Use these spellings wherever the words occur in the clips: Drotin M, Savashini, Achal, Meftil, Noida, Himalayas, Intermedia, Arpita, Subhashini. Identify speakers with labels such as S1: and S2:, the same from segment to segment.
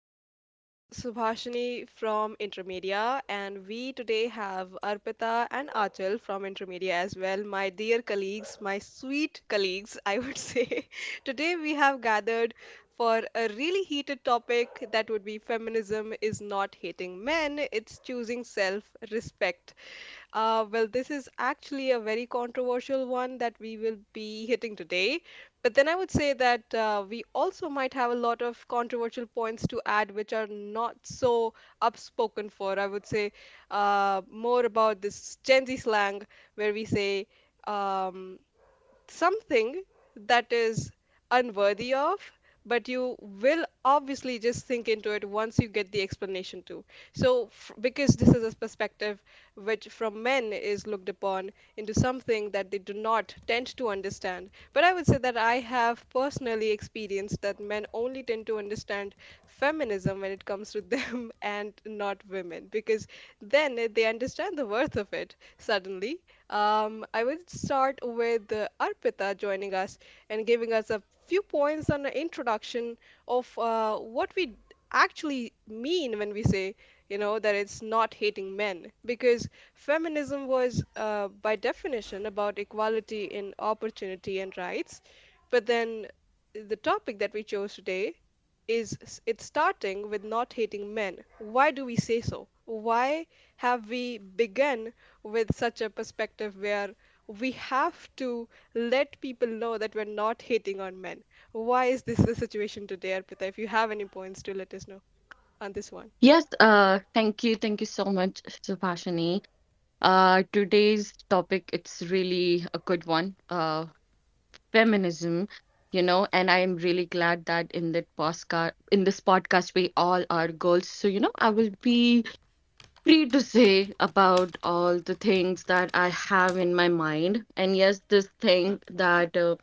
S1: Hi, this is Subhashini from Intermedia, and we today have Arpita and Achal from Intermedia as well, my dear colleagues, my sweet colleagues, I would say. Today we have gathered for a really heated topic that would be feminism is not hating men, it's choosing self-respect. This is actually a very controversial one that we will be hitting today. But then I would say that we also might have a lot of controversial points to add, which are not so upspoken for. I would say more about this Gen Z slang where we say, um, something that is unworthy of, but you will obviously just think into it once you get the explanation too. So, because this is a perspective which from men is looked upon into something that they do not tend to understand. But I would say that I have personally experienced that men only tend to understand feminism when it comes to them and not women, because then they understand the worth of it suddenly. I will start with Arpita joining us and giving us a few points on the introduction of what we actually mean when we say, you know, that it's not hating men. Because feminism was, by definition, about equality in opportunity and rights. But then the topic that we chose today it's starting with not hating men. Why do we say so? Why have we begun with such a perspective where we have to let people know that we're not hating on men. Why is this the situation today, Arpita? If you have any points to let us know on this one.
S2: Yes, thank you. Thank you so much, Subhashini. Today's topic, it's really a good one. Feminism, you know, and I am really glad that in this podcast, we all are girls. So, you know, I will be free to say about all the things that I have in my mind. And yes, this thing that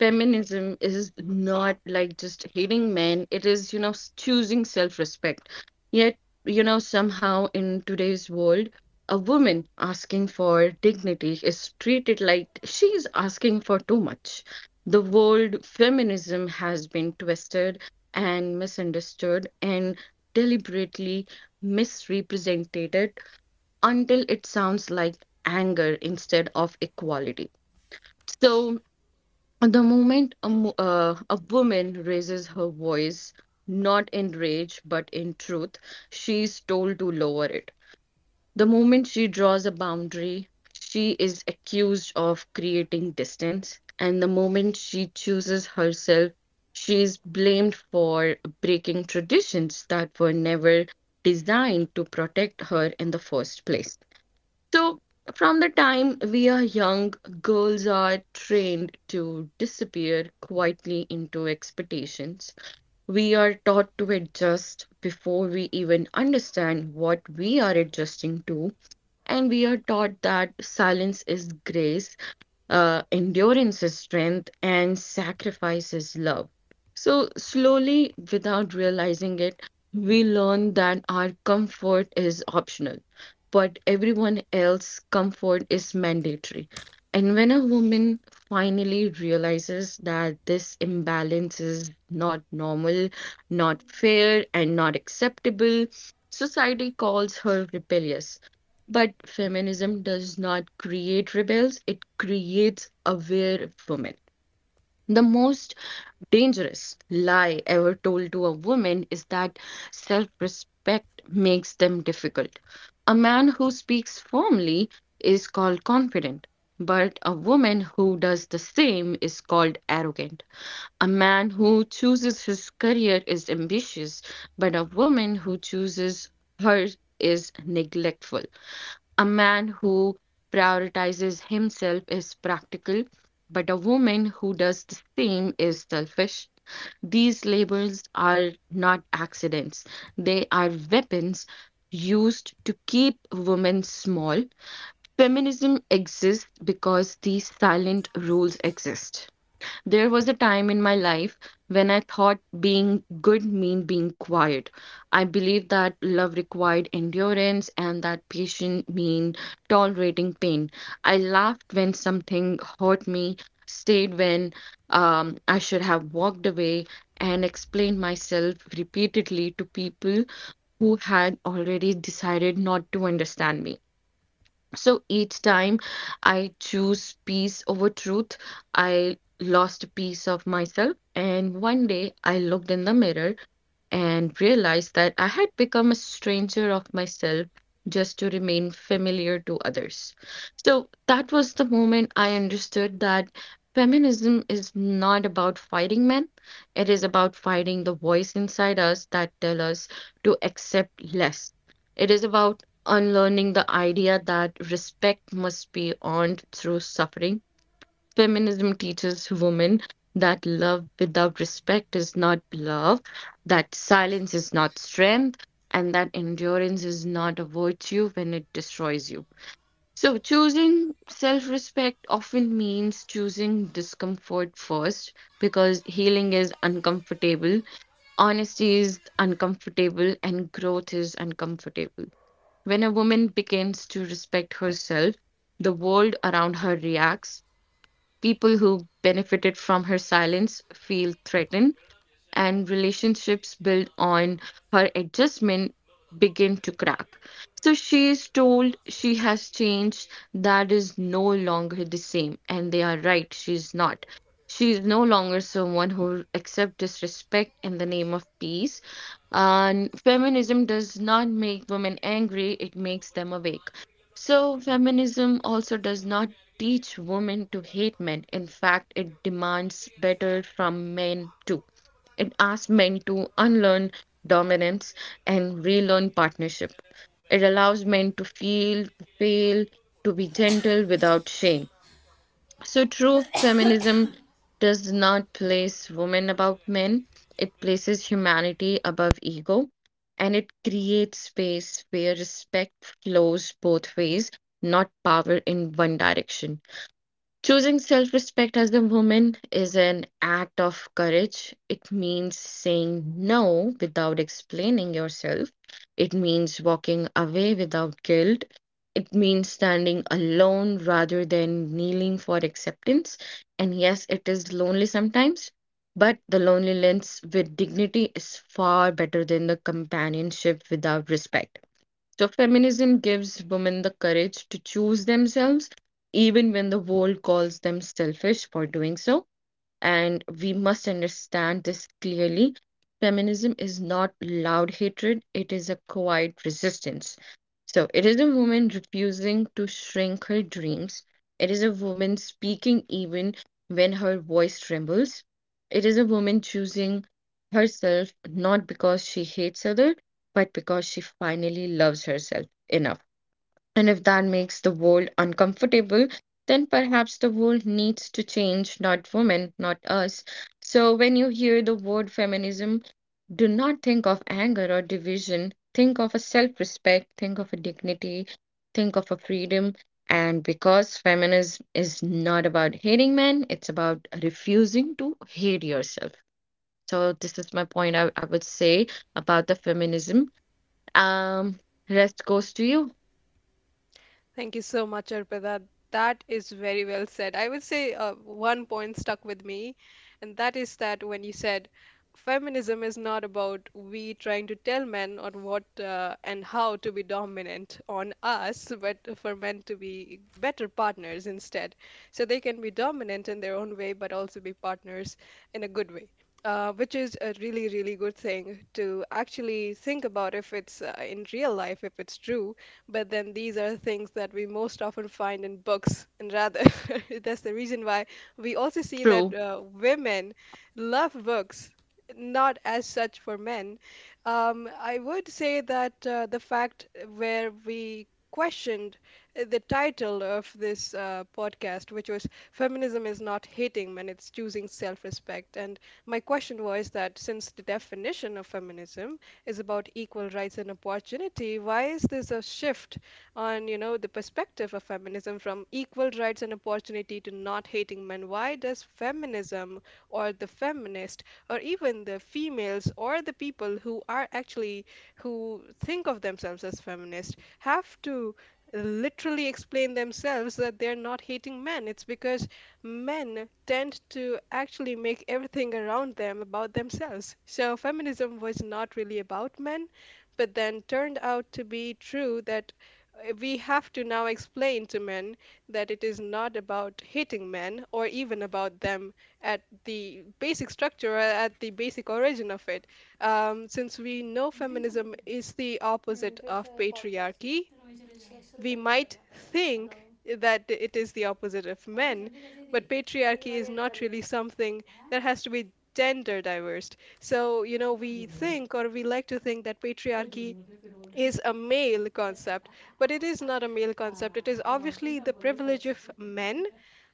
S2: feminism is not like just hating men, it is, you know, choosing self respect. Yet, you know, somehow in today's world, a woman asking for dignity is treated like she's asking for too much. The word feminism has been twisted and misunderstood and deliberately misrepresented until it sounds like anger instead of equality. So, the moment a woman raises her voice, not in rage but in truth, she's told to lower it. The moment she draws a boundary, she is accused of creating distance, and the moment she chooses herself, she is blamed for breaking traditions that were never designed to protect her in the first place. So, from the time we are young, girls are trained to disappear quietly into expectations. We are taught to adjust before we even understand what we are adjusting to, and we are taught that silence is grace, endurance is strength, and sacrifice is love. So, slowly, without realizing it, we learn that our comfort is optional, but everyone else's comfort is mandatory. And when a woman finally realizes that this imbalance is not normal, not fair, and not acceptable, society calls her rebellious. But feminism does not create rebels, it creates aware women. The most dangerous lie ever told to a woman is that self respect makes them difficult. A man who speaks firmly is called confident, but a woman who does the same is called arrogant. A man who chooses his career is ambitious, but a woman who chooses hers is neglectful. A man who prioritizes himself is practical, but a woman who does the same is selfish. These labels are not accidents, they are weapons used to keep women small. Feminism exists because these silent rules exist. There was a time in my life when I thought being good meant being quiet. I believed that love required endurance and that patience meant tolerating pain. I laughed when something hurt me, stayed when I should have walked away, and explained myself repeatedly to people who had already decided not to understand me. So each time I choose peace over truth, I lost a piece of myself. And one day I looked in the mirror and realized that I had become a stranger of myself just to remain familiar to others. So that was the moment I understood that feminism is not about fighting men. It is about fighting the voice inside us that tell us to accept less. It is about unlearning the idea that respect must be earned through suffering. Feminism teaches women that love without respect is not love, that silence is not strength, and that endurance is not a virtue when it destroys you. So, choosing self respect often means choosing discomfort first, because healing is uncomfortable, honesty is uncomfortable, and growth is uncomfortable. When a woman begins to respect herself, the world around her reacts. People who benefited from her silence feel threatened and relationships built on her adjustment begin to crack. So she is told she has changed, that is no longer the same. And they are right, she's not. She is no longer someone who accepts disrespect in the name of peace. And feminism does not make women angry, it makes them awake. So, feminism also does not teach women to hate men. In fact, it demands better from men too. It asks men to unlearn dominance and relearn partnership. It allows men to feel, to fail, to be gentle without shame. So, true feminism does not place women above men, it places humanity above ego, and it creates space where respect flows both ways, not power in one direction. Choosing self-respect as a woman is an act of courage. It means saying no without explaining yourself. It means walking away without guilt. It means standing alone rather than kneeling for acceptance. And yes, it is lonely sometimes, but the loneliness with dignity is far better than the companionship without respect. So, feminism gives women the courage to choose themselves, even when the world calls them selfish for doing so, and we must understand this clearly. Feminism is not loud hatred, it is a quiet resistance. So, it is a woman refusing to shrink her dreams. It is a woman speaking even when her voice trembles. It is a woman choosing herself not because she hates others, but because she finally loves herself enough. And if that makes the world uncomfortable, then perhaps the world needs to change, not women, not us. So when you hear the word feminism, do not think of anger or division. Think of a self respect, think of a dignity, think of a freedom. And because feminism is not about hating men, it's about refusing to hate yourself. So, this is my point, I would say about the feminism. Um, rest goes to you.
S1: Thank you so much, Arpita. That is very well said. I would say one point stuck with me, and that is that when you said feminism is not about we trying to tell men on what and how to be dominant on us, but for men to be better partners instead. So they can be dominant in their own way, but also be partners in a good way. Which is a really, really good thing to actually think about if it's in real life, if it's true, but then these are things that we most often find in books, and rather that's the reason why we also see that
S2: True.
S1: women love books. Not as such for men. I would say that the fact where we questioned the title of this podcast, which was Feminism is Not Hating Men, It's Choosing Self Respect. And my question was that since the definition of feminism is about equal rights and opportunity. Why is this a shift on, you know, the perspective of feminism from equal rights and opportunity to not hating men? Why does feminism or the feminist or even the females or the people who are actually who think of themselves as feminist have to literally explain themselves that they're not hating men. It's because men tend to actually make everything around them about themselves. So feminism was not really about men, but then turned out to be true that we have to now explain to men that it is not about hating men or even about them at the basic structure, or at the basic origin of it. Since we know feminism is the opposite of patriarchy, we might think that it is the opposite of men, but patriarchy is not really something that has to be gender diverse. So, you know, we think or we like to think that patriarchy is a male concept, but it is not a male concept. It is obviously the privilege of men,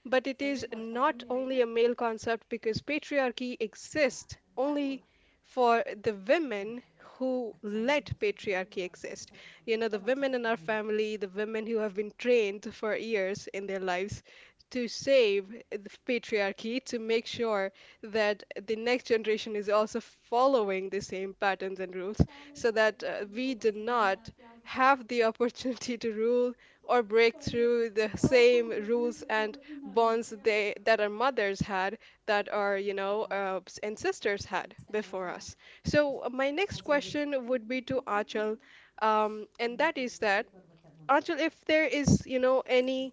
S1: but it is not only a male concept because patriarchy exists only for the women who let patriarchy exist. You know, the women in our family, the women who have been trained for years in their lives to save the patriarchy, to make sure that the next generation is also following the same patterns and rules so that we do not have the opportunity to rule or break through the same rules and bonds they that our mothers had, that our and sisters had before us. So my next question would be to Achal. And that is that Achal, if there is you know any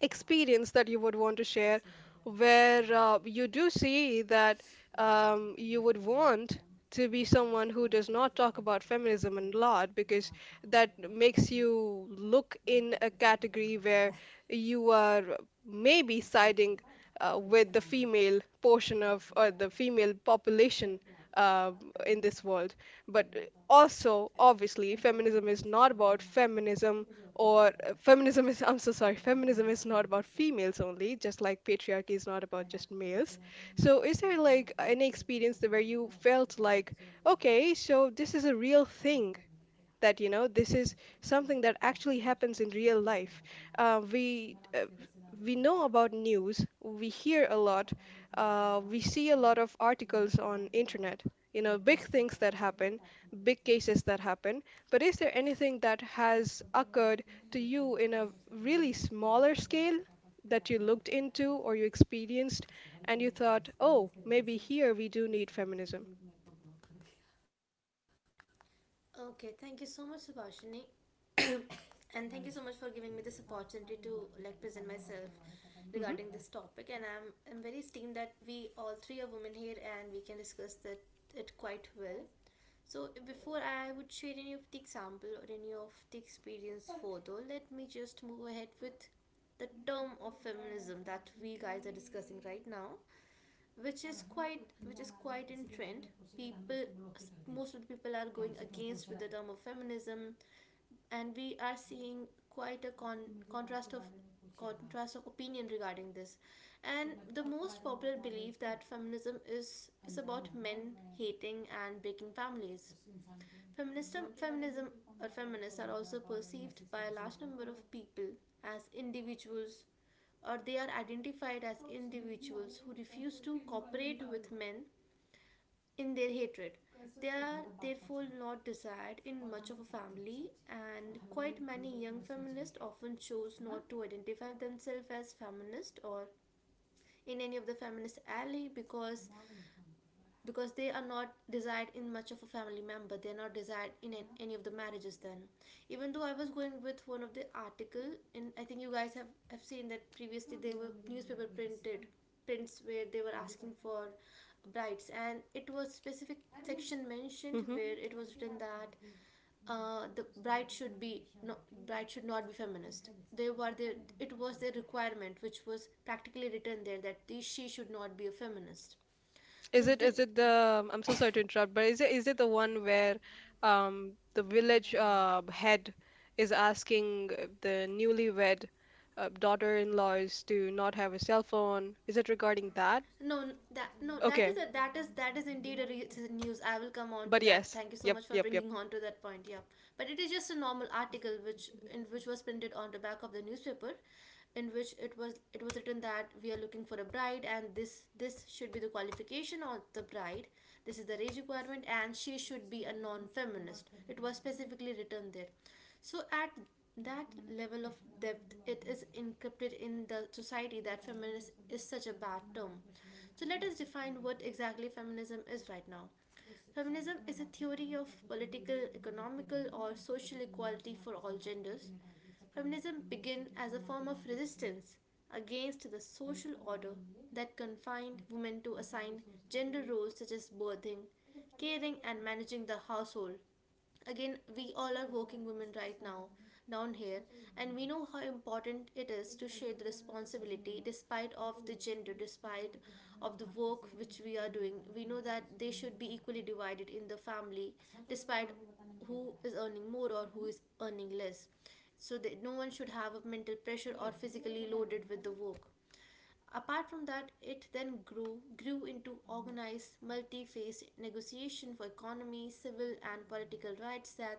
S1: experience that you would want to share where you do see that you would want to be someone who does not talk about feminism a lot because that makes you look in a category where you are maybe siding with the female portion of or the female population uh, in this world. But also, obviously, feminism is not about feminism or feminism is I'm so sorry, feminism is not about females only just like patriarchy is not about just males. So is there like any experience that where you felt like okay, so this is a real thing that you know, this is something that actually happens in real life. Uh, we uh, we know about news, we hear a lot, we see a lot of articles on internet. You know, big things that happen, big cases that happen. But is there anything that has occurred to you in a really smaller scale that you looked into or you experienced, and you thought, oh, maybe here we do need feminism?
S3: Okay, thank you so much, Subhashini, and thank you so much for giving me this opportunity to like present myself
S1: Mm-hmm.
S3: regarding this topic. And I am very esteemed that we all three are women here and we can discuss that it quite well. So before I would share any of the example or any of the experience photo, let me just move ahead with the term of feminism that we guys are discussing right now. which is quite which is quite in trend. People Most of the people are going against with the term of feminism, and we are seeing quite a contrast of opinion regarding this. And the most popular belief that feminism is about men hating and breaking families. Feminism, or feminists are also perceived by a large number of people as individuals, or they are identified as individuals who refuse to cooperate with men in their hatred. They are therefore not desired in much of a family, and quite many young feminists often choose not to identify themselves as feminist or in any of the feminist ally, because they are not desired in much of a family member, they're not desired in any of the marriages then. Even though I was going with one of the article, and I think you guys have seen that previously there were newspaper printed prints where they were asking for rights, and it was specific section mentioned
S1: Mm-hmm.
S3: where it was written that the bride should be, no, bride should not be feminist. They were it was their requirement which was practically written there that she should not be a feminist.
S1: Is
S3: So
S1: it,
S3: the,
S1: is it the I'm so sorry to interrupt, but is it, is it the one where the village head is asking the newlywed daughter-in-laws to not have a cell phone? Is it regarding that?
S3: no, that is
S1: Okay,
S3: a that is indeed a news. I will come on to
S1: but
S3: that.
S1: yes.
S3: Thank you so
S1: Yep,
S3: much for
S1: yep, yep.
S3: bringing on to that point. Yeah, but it is just a normal article which was printed on the back of the newspaper, in which it was written that we are looking for a bride, and this should be the qualification of the bride, this is the age requirement, and she should be a non-feminist. It was specifically written there. So at that level of depth, it is encrypted in the society that feminism is such a bad term. So let us define what exactly feminism is right now. Feminism is a theory of political, economical, or social equality for all genders. Feminism began as a form of resistance against the social order that confined women to assigned gender roles such as birthing, caring, and managing the household. Again, we all are working women right now down here, and we know how important it is to share the responsibility despite of the gender, despite of the work which we are doing. We know that they should be equally divided in the family, despite who is earning more or who is earning less, so that no one should have a mental pressure or physically loaded with the work. Apart from that, it then grew into organized, multi-phase negotiation for economy, civil, and political rights that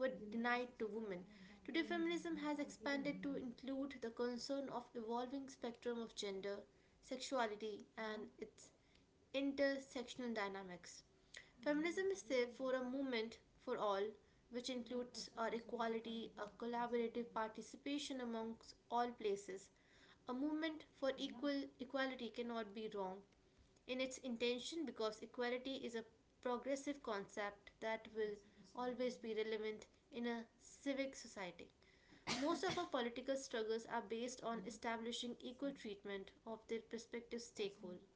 S3: were denied to women. Today, feminism has expanded to include the concern of evolving spectrum of gender, sexuality, and its intersectional dynamics. Feminism is therefore a movement for all, which includes our equality, a collaborative participation amongst all places, a movement for Equality cannot be wrong in its intention, because equality is a progressive concept that will always be relevant in a civic society. Most of our political struggles are based on establishing equal treatment of their prospective stakeholders.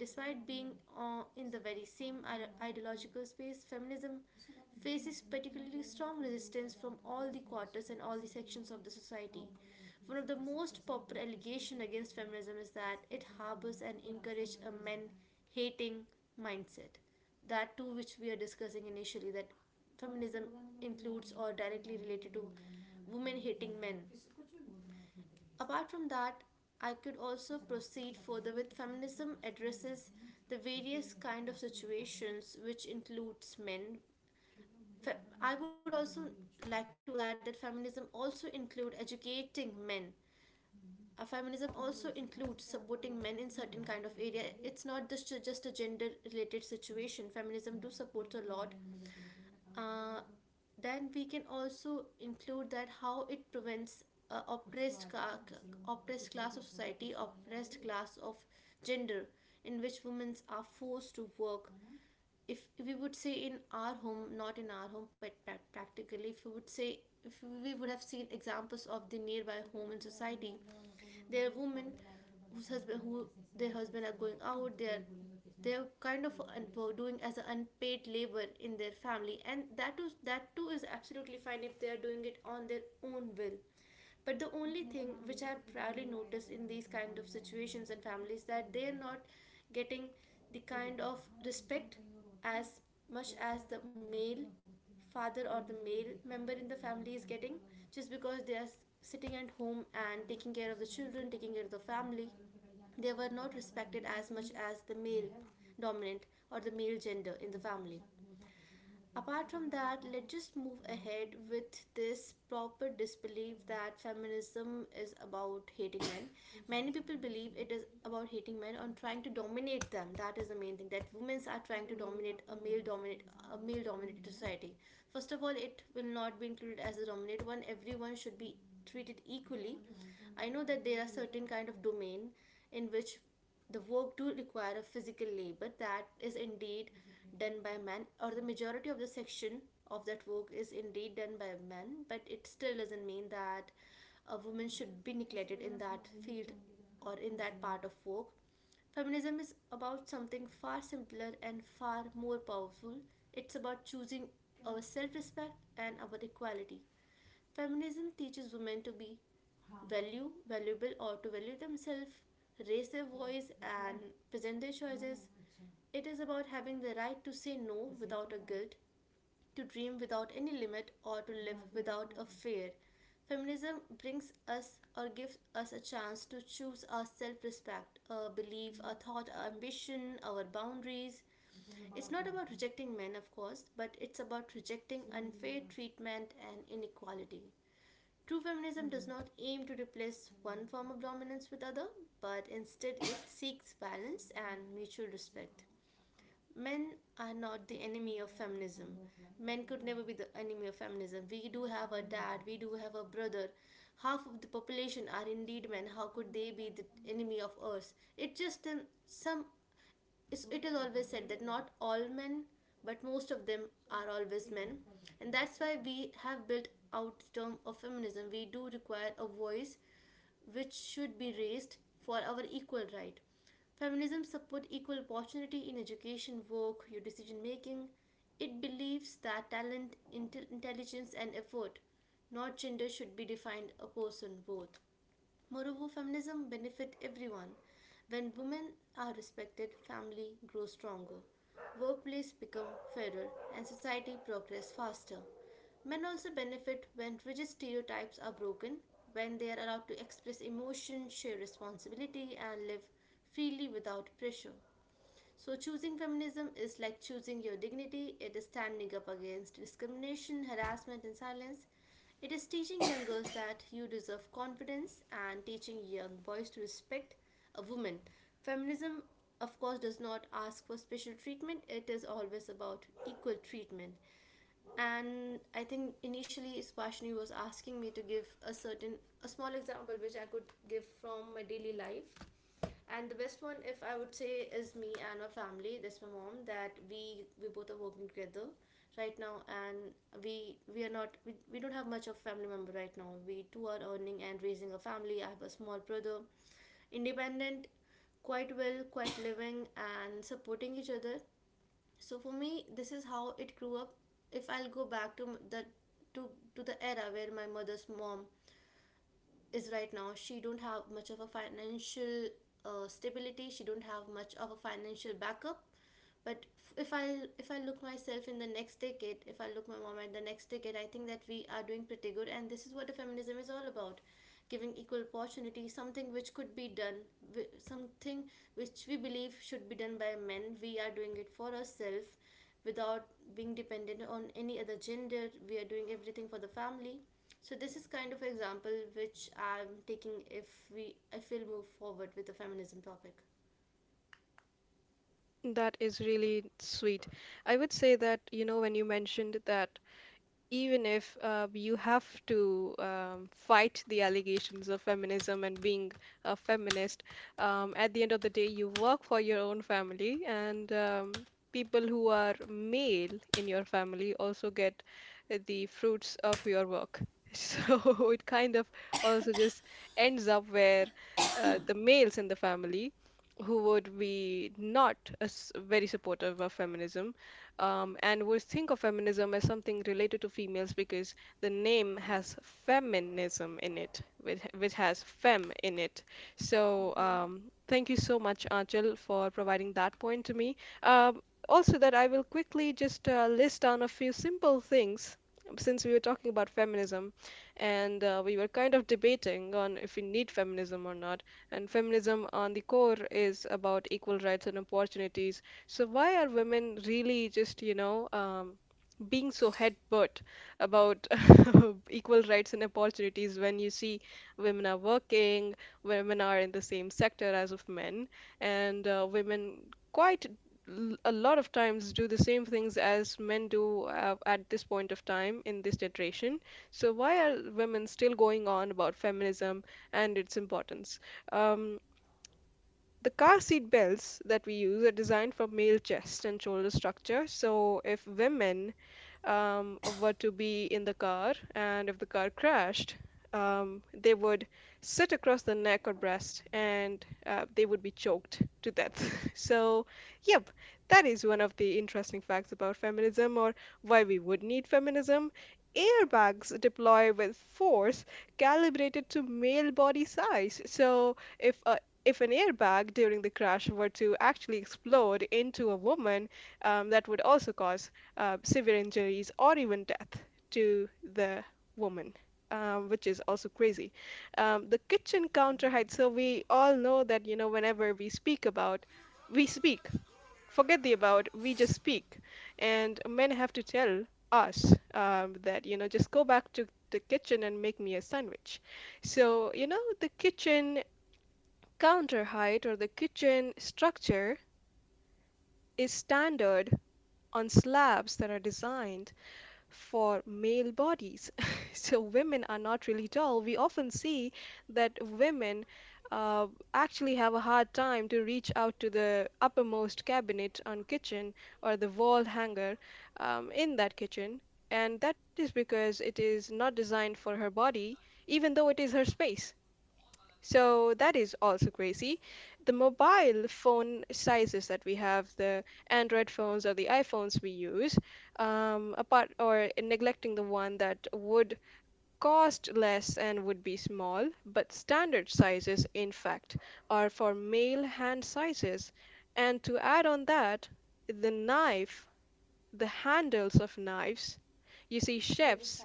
S3: Despite being in the very same ideological space, feminism faces particularly strong resistance from all the quarters and all the sections of the society. One of the most popular allegations against feminism is that it harbors and encourages a men hating mindset. That too, which we are discussing initially, that feminism includes or directly related to women hating men. Apart from that, I could also proceed further with feminism addresses the various kind of situations which includes men. I would also like to add that feminism also include educating men. Feminism also includes supporting men in certain kind of area. It's not just a gender related situation. Feminism do supports a lot. Uh, then we can also include that how it prevents oppressed oppressed class of society, oppressed class of gender, in which women are forced to work. If we would say in our home, not in our home, but practically, if we would say, if we would have seen examples of the nearby home in society, there are women whose husband, who their husband are going out, they are they're kind of doing as an unpaid labor in their family, and that is that too is absolutely fine if they are doing it on their own will. But the only thing which I've rarely noticed in these kind of situations and families that they are not getting the kind of respect as much as the male father or the male member in the family is getting, just because they are sitting at home and taking care of the children, taking care of the family. They were not respected as much as the male dominant or the male gender in the family. Apart from that, let's just move ahead with this proper disbelief that feminism is about hating men. Many people believe it is about hating men on trying to dominate them. That is the main thing, that women are trying to dominate a male dominated society. First of all, it will not be included as a dominant one. Everyone should be treated equally. I know that there are certain kind of domain in which the work do require a physical labor that is indeed done by man, or the majority of the section of that work is indeed done by men, but it still doesn't mean that a woman should be neglected in that field or in that part of work. Feminism is about something far simpler and far more powerful. It's about choosing our self respect and our equality. Feminism teaches women to be valuable, or to value themselves, raise their voice, and present their choices. It is about having the right to say no without a guilt, to dream without any limit, or to live without a fear. Feminism brings us or gives us a chance to choose our self respect, our belief, our thought, our ambition, our boundaries. It's not about rejecting men, of course, but it's about rejecting unfair treatment and inequality. True feminism does not aim to replace one form of dominance with other, but instead it seeks balance and mutual respect. Men are not the enemy of feminism. Men could never be the enemy of feminism. We do have a dad, we do have a brother. Half of the population are indeed men. How could they be the enemy of us? It just it is always said that not all men, but most of them are always men, and that's why we have built out the term of feminism. We do require a voice which should be raised for our equal right. Feminism supports equal opportunity in education, work, your decision making. It believes that talent, intelligence, and effort, not gender, should be defined a person both. Moreover, feminism benefits everyone. When women are respected, family grows stronger, workplace become fairer, and society progress faster. Men also benefit when rigid stereotypes are broken, when they are allowed to express emotion, share responsibility, and live freely without pressure. So, choosing feminism is like choosing your dignity, it is standing up against discrimination, harassment, and silence. It is teaching young girls that you deserve confidence, and teaching young boys to respect a woman. Feminism, of course, does not ask for special treatment, it is always about equal treatment. And I think initially Spashni was asking me to give a small example which I could give from my daily life, and the best one, if I would say, is me and our family, that's my mom, that we both are working together right now, and we are not we, we don't have much of family member right now. We two are earning and raising a family. I have a small brother, independent, quite well, quite living and supporting each other. So for me, this is how it grew up. If I'll go back the to to the era where my mother's mom is right now, she don't have much of a financial stability. She don't have much of a financial backup, but if I look myself in the next decade, if I look my mom at the next decade, I think that we are doing pretty good, and this is what the feminism is all about: giving equal opportunity, something which could be done, something which we believe should be done by men. We are doing it for ourselves, without being dependent on any other gender. We are doing everything for the family. So this is kind of example which I'm taking if we if we'll move forward with the feminism topic.
S1: That is really sweet. I would say that, you know, when you mentioned that even if you have to fight the allegations of feminism and being a feminist, at the end of the day, you work for your own family, and people who are male in your family also get the fruits of your work. So it kind of also just ends up where the males in the family who would be not as very supportive of feminism. And we think of feminism as something related to females because the name has feminism in it, which has fem in it. So
S3: Mm-hmm.
S1: thank you so much, Anchal, for providing that point to me. Also, that I will quickly just list down a few simple things since we were talking about feminism and we were kind of debating on if we need feminism or not. And feminism, on the core, is about equal rights and opportunities. So why are women really just, you know, being so headbutt about equal rights and opportunities when you see women are working, women are in the same sector as of men, and women quite a lot of times do the same things as men do at this point of time in this generation. So why are women still going on about feminism and its importance? Um, the car seat belts that we use are designed for male chest and shoulder structure. So if women were to be in the car, and if the car crashed, they would sit across the neck or breast, and they would be choked to death. So, yep, that is one of the interesting facts about feminism or why we would need feminism. Airbags deploy with force calibrated to male body size. So, if an airbag during the crash were to actually explode into a woman, that would also cause severe injuries or even death to the woman. Which is also crazy. The kitchen counter height. So we all know that you know whenever we speak about, we speak. Forget the about. We just speak, and men have to tell us that you know just go back to the kitchen and make me a sandwich. So you know the kitchen counter height or the kitchen structure is standard on slabs that are designed for male bodies. So women are not really tall. We often see that women uh, actually have a hard time to reach out to the uppermost cabinet on kitchen or the wall hanger in that kitchen. And that is because it is not designed for her body, even though it is her space. So that is also crazy. The mobile phone sizes that we have, the Android phones or the iPhones we use, apart or neglecting the one that would cost less and would be small, but standard sizes, in fact, are for male hand sizes. And to add on that, the knife, the handles of knives, you see, chefs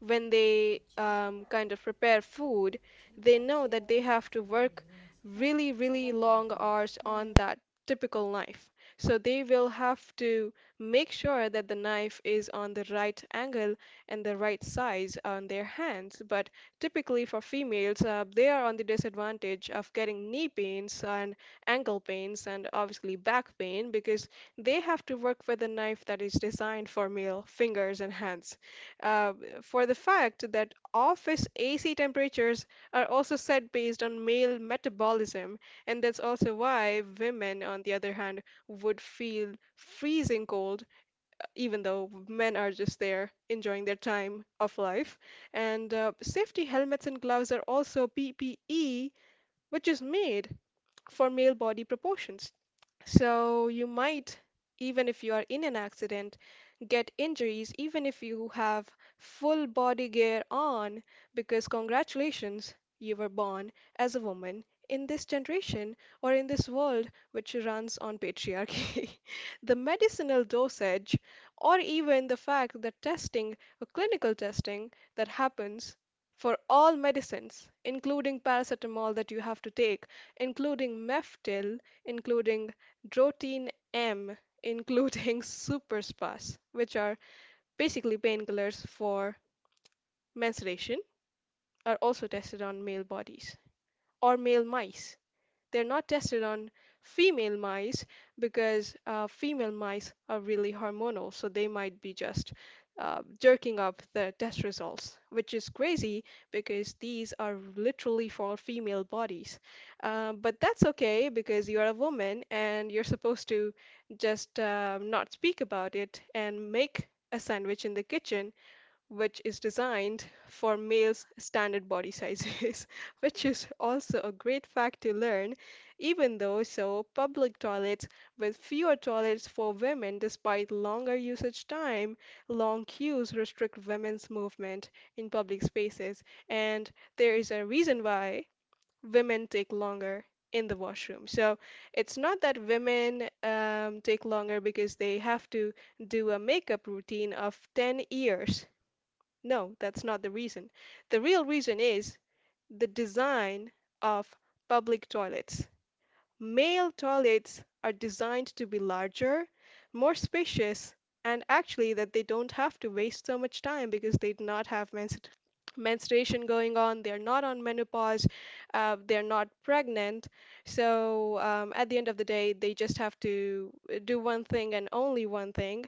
S1: when they kind of prepare food, they know that they have to work really,
S3: Okay.
S1: really long hours on
S3: Mm-hmm.
S1: that typical knife. So they will have to make sure that the knife is on the right angle and the right size on their hands. But typically for females, they are on the disadvantage of getting knee pains and ankle pains and obviously back pain because they have to work with a knife that is designed for male fingers and hands uh, for the fact that office AC temperatures are also set based on male metabolism, and that's also why women, on the other hand, would feel freezing cold, even though men are just there enjoying their time of life. And safety helmets and gloves are also PPE, which is made for male body proportions. So you might, even if you are in an accident, get injuries even if you have full body gear on because congratulations, you were born as a woman in this generation or in this world which runs on patriarchy. The medicinal dosage, or even the fact that testing or clinical testing that happens for all medicines, including paracetamol that you have to take, including Meftil, including Drotin M, including super spas, which are basically painkillers for menstruation, are also tested on male bodies or male mice. They're not tested on female mice because female mice are really hormonal, so they might be just jerking up the test results, which is crazy because these are literally for female bodies. But that's okay because you're a woman and you're supposed to just not speak about it and make a sandwich in the kitchen which is designed for males' standard body sizes, which is also a great fact to learn, even though so public toilets with fewer toilets for women despite longer usage time, long queues restrict women's movement in public spaces, and there is a reason why women take longer in the washroom. So it's not that women take longer because they have to do a makeup routine of 10 years. No, that's not the reason. The real reason is the design of public toilets. Male toilets are designed to be larger, more spacious, and actually that they don't have to waste so much time because they do not have menstruation going on, they're not on menopause, they're not pregnant. So at the end of the day, they just have to do one thing and only one thing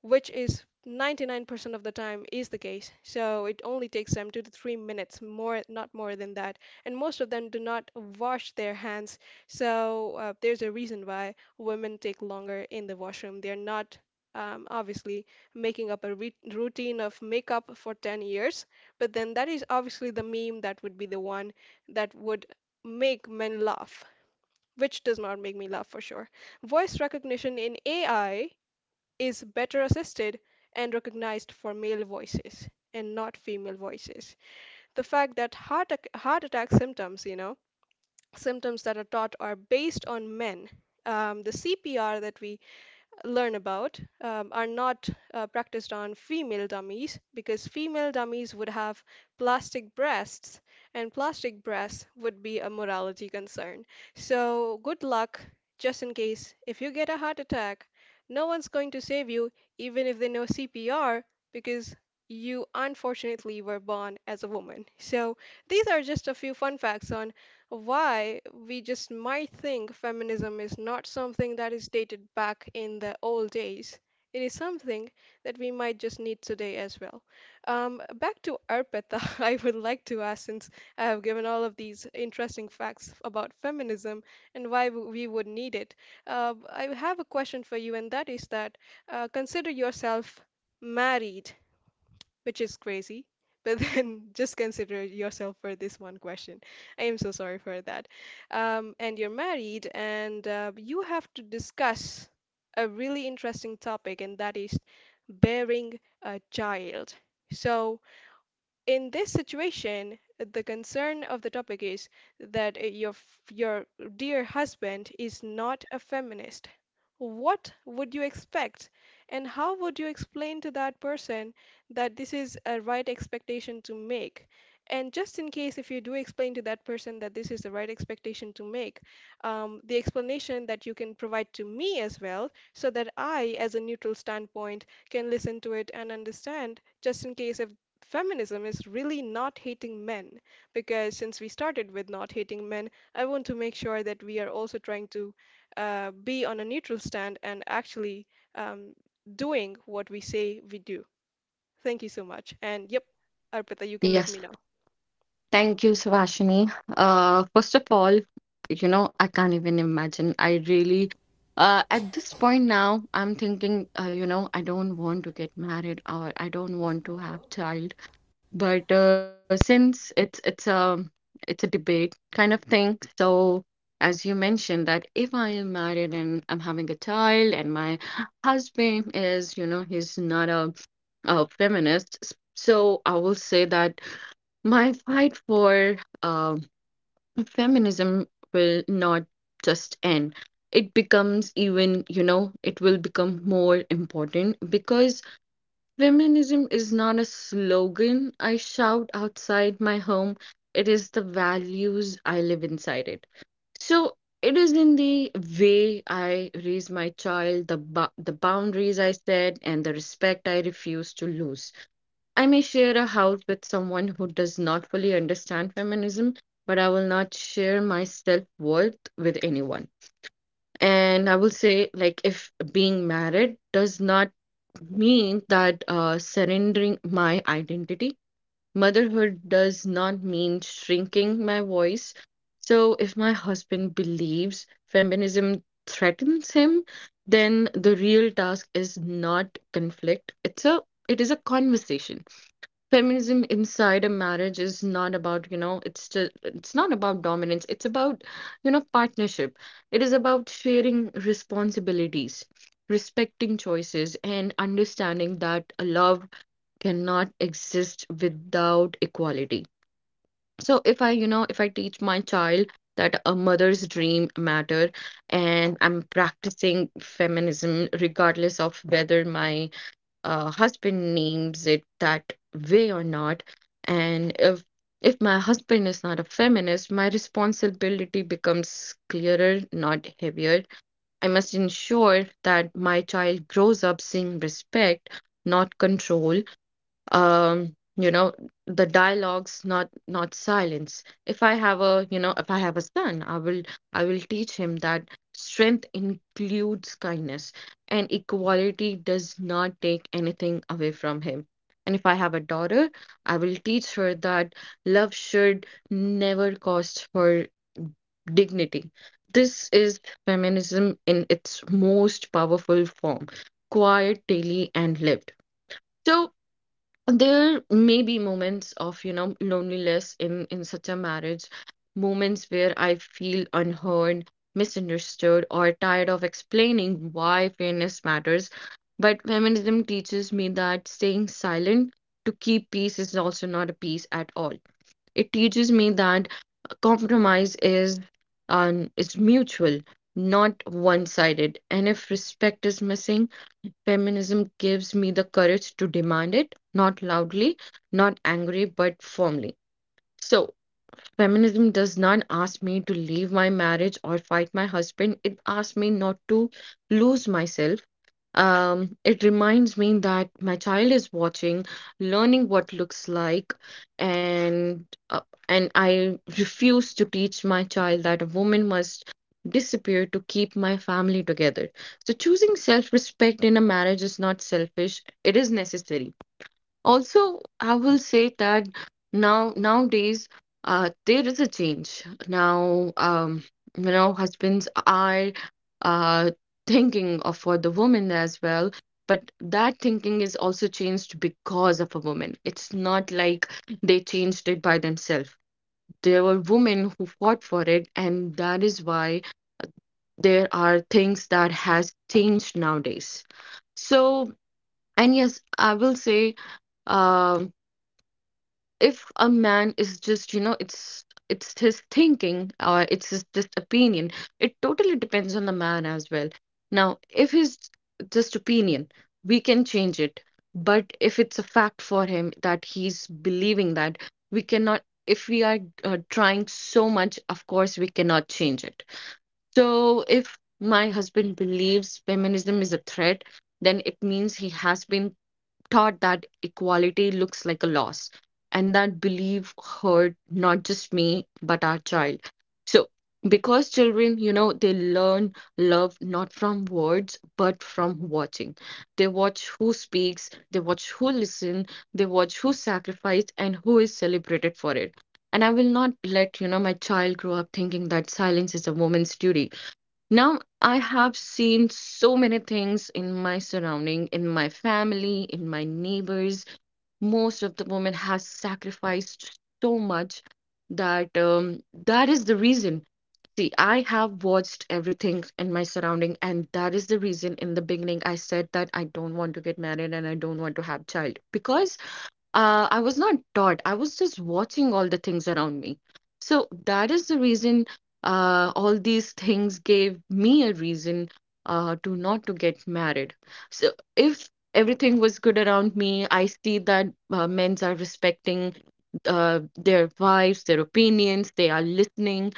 S1: which is 99% of the time is the case. So it only takes them 2 to 3 minutes, more not more than that. And most of them do not wash their hands. So there's a reason why women take longer in the washroom. They're not obviously making up a routine of makeup for 10 years, but then that is obviously the meme that would be the one that would make men laugh, which does not make me laugh for sure. Voice recognition in AI is better assisted and recognized for male voices and not female voices. The fact that heart attack symptoms, you know, symptoms that are taught are based on men. The CPR that we learn about are not practiced on female dummies because female dummies would have plastic breasts and plastic breasts would be a morality concern. So, good luck just in case if you get a heart attack. No one's going to save you, even if they know CPR, because you unfortunately were born as a woman. So, these are just a few fun facts on why we just might think feminism is not something that is dated back in the old days. It is something that we might just need today as well. Back to Arpita, I would like to ask since I have given all of these interesting facts about feminism and why we would need it. I have a question for you, and that is that consider yourself married, which is crazy. But then just consider yourself for this one question. I am so sorry for that. And you're married, and you have to discuss a really interesting topic, and that is bearing a child. So, in this situation, the concern of the topic is that your dear husband is not a feminist. What would you expect? And how would you explain to that person that this is a right expectation to make? And just in case if you do explain to that person that this is the right expectation to make, the explanation that you can provide to me as well, so that I, as a neutral standpoint, can listen to it and understand, just in case if feminism is really not hating men, because since we started with not hating men, I want to make sure that we are also trying to be on a neutral stand and actually um, doing what we say we do. Thank you so much. And yep, Arpita, you can let
S2: Yes,
S1: me know.
S2: thank you, Savashini. First of all, you know, I can't even imagine. I really, at this point now, I'm thinking, you know, I don't want to get married or I don't want to have child. But since it's a debate kind of thing, so as you mentioned that if I am married and I'm having a child and my husband is, you know, he's not a feminist, so I will say that. My fight for um, feminism will not just end. It becomes even, you know, it will become more important because feminism is not a slogan I shout outside my home. It is the values I live inside it. So it is in the way I raise my child, the the boundaries I set, and the respect I refuse to lose. I may share a house with someone who does not fully understand feminism, but I will not share my self worth with anyone. And I will say, like, if being married does not mean that surrendering my identity, motherhood does not mean shrinking my voice. So if my husband believes feminism threatens him, then the real task is not conflict. It is a conversation. Feminism inside a marriage is not about, you know, it's not about dominance, it's about, you know, partnership. It is about sharing responsibilities, respecting choices, and understanding that love cannot exist without equality. So if I, you know, if I teach my child that a mother's dream matter, and I'm practicing feminism regardless of whether my husband names it that way or not. And if my husband is not a feminist, my responsibility becomes clearer, not heavier. I must ensure that my child grows up seeing respect, not control. Um, you know, the dialogues, not silence. If I have a, you know, if I have a son, I will I will teach him that strength includes kindness, and equality does not take anything away from him. And if I have a daughter, I will teach her that love should never cost her dignity. This is feminism in its most powerful form, quiet, daily, and lived. So there may be moments of, you know, loneliness in such a marriage, moments where I feel unheard, misunderstood, or tired of explaining why fairness matters. But feminism teaches me that staying silent to keep peace is also not a peace at all. It teaches me that compromise is mutual, not one-sided. And if respect is missing, feminism gives me the courage to demand it, not loudly, not angry, but firmly. So, feminism does not ask me to leave my marriage or fight my husband. It asks me not to lose myself. It reminds me that my child is watching, learning what looks like, and uh, and I refuse to teach my child that a woman must disappear to keep my family together. So choosing self-respect in a marriage is not selfish. It is necessary. Also, I will say that now nowadays there is a change. Now, you know, husbands are uh, thinking of for the woman as well, but that thinking is also changed because of a woman. It's not like they changed it by themselves. There were women who fought for it, and that is why there are things that has changed nowadays. So, and yes, I will say. um if a man is just, you know, it's his thinking or it's his just opinion, it totally depends on the man as well. Now if his just opinion, we can change it, but if it's a fact for him that he's believing that, we cannot. If we are trying so much, of course we cannot change it. So if my husband believes feminism is a threat, then it means he has been taught that equality looks like a loss. And that belief hurt not just me, but our child. So, because children, you know, they learn love not from words, but from watching. They watch who speaks, they watch who listen, they watch who sacrifice, and who is celebrated for it. And I will not let, you know, my child grow up thinking that silence is a woman's duty. Now, I have seen so many things in my surrounding, in my family, in my neighbors. Most of the women has sacrificed so much that that is the reason. See, I have watched everything in my surrounding, and that is the reason in the beginning I said that I don't want to get married and I don't want to have child because I was not taught. I was just watching all the things around me. So that is the reason all these things gave me a reason to not to get married. So if everything was good around me, I see that men's are respecting their wives, their opinions, they are listening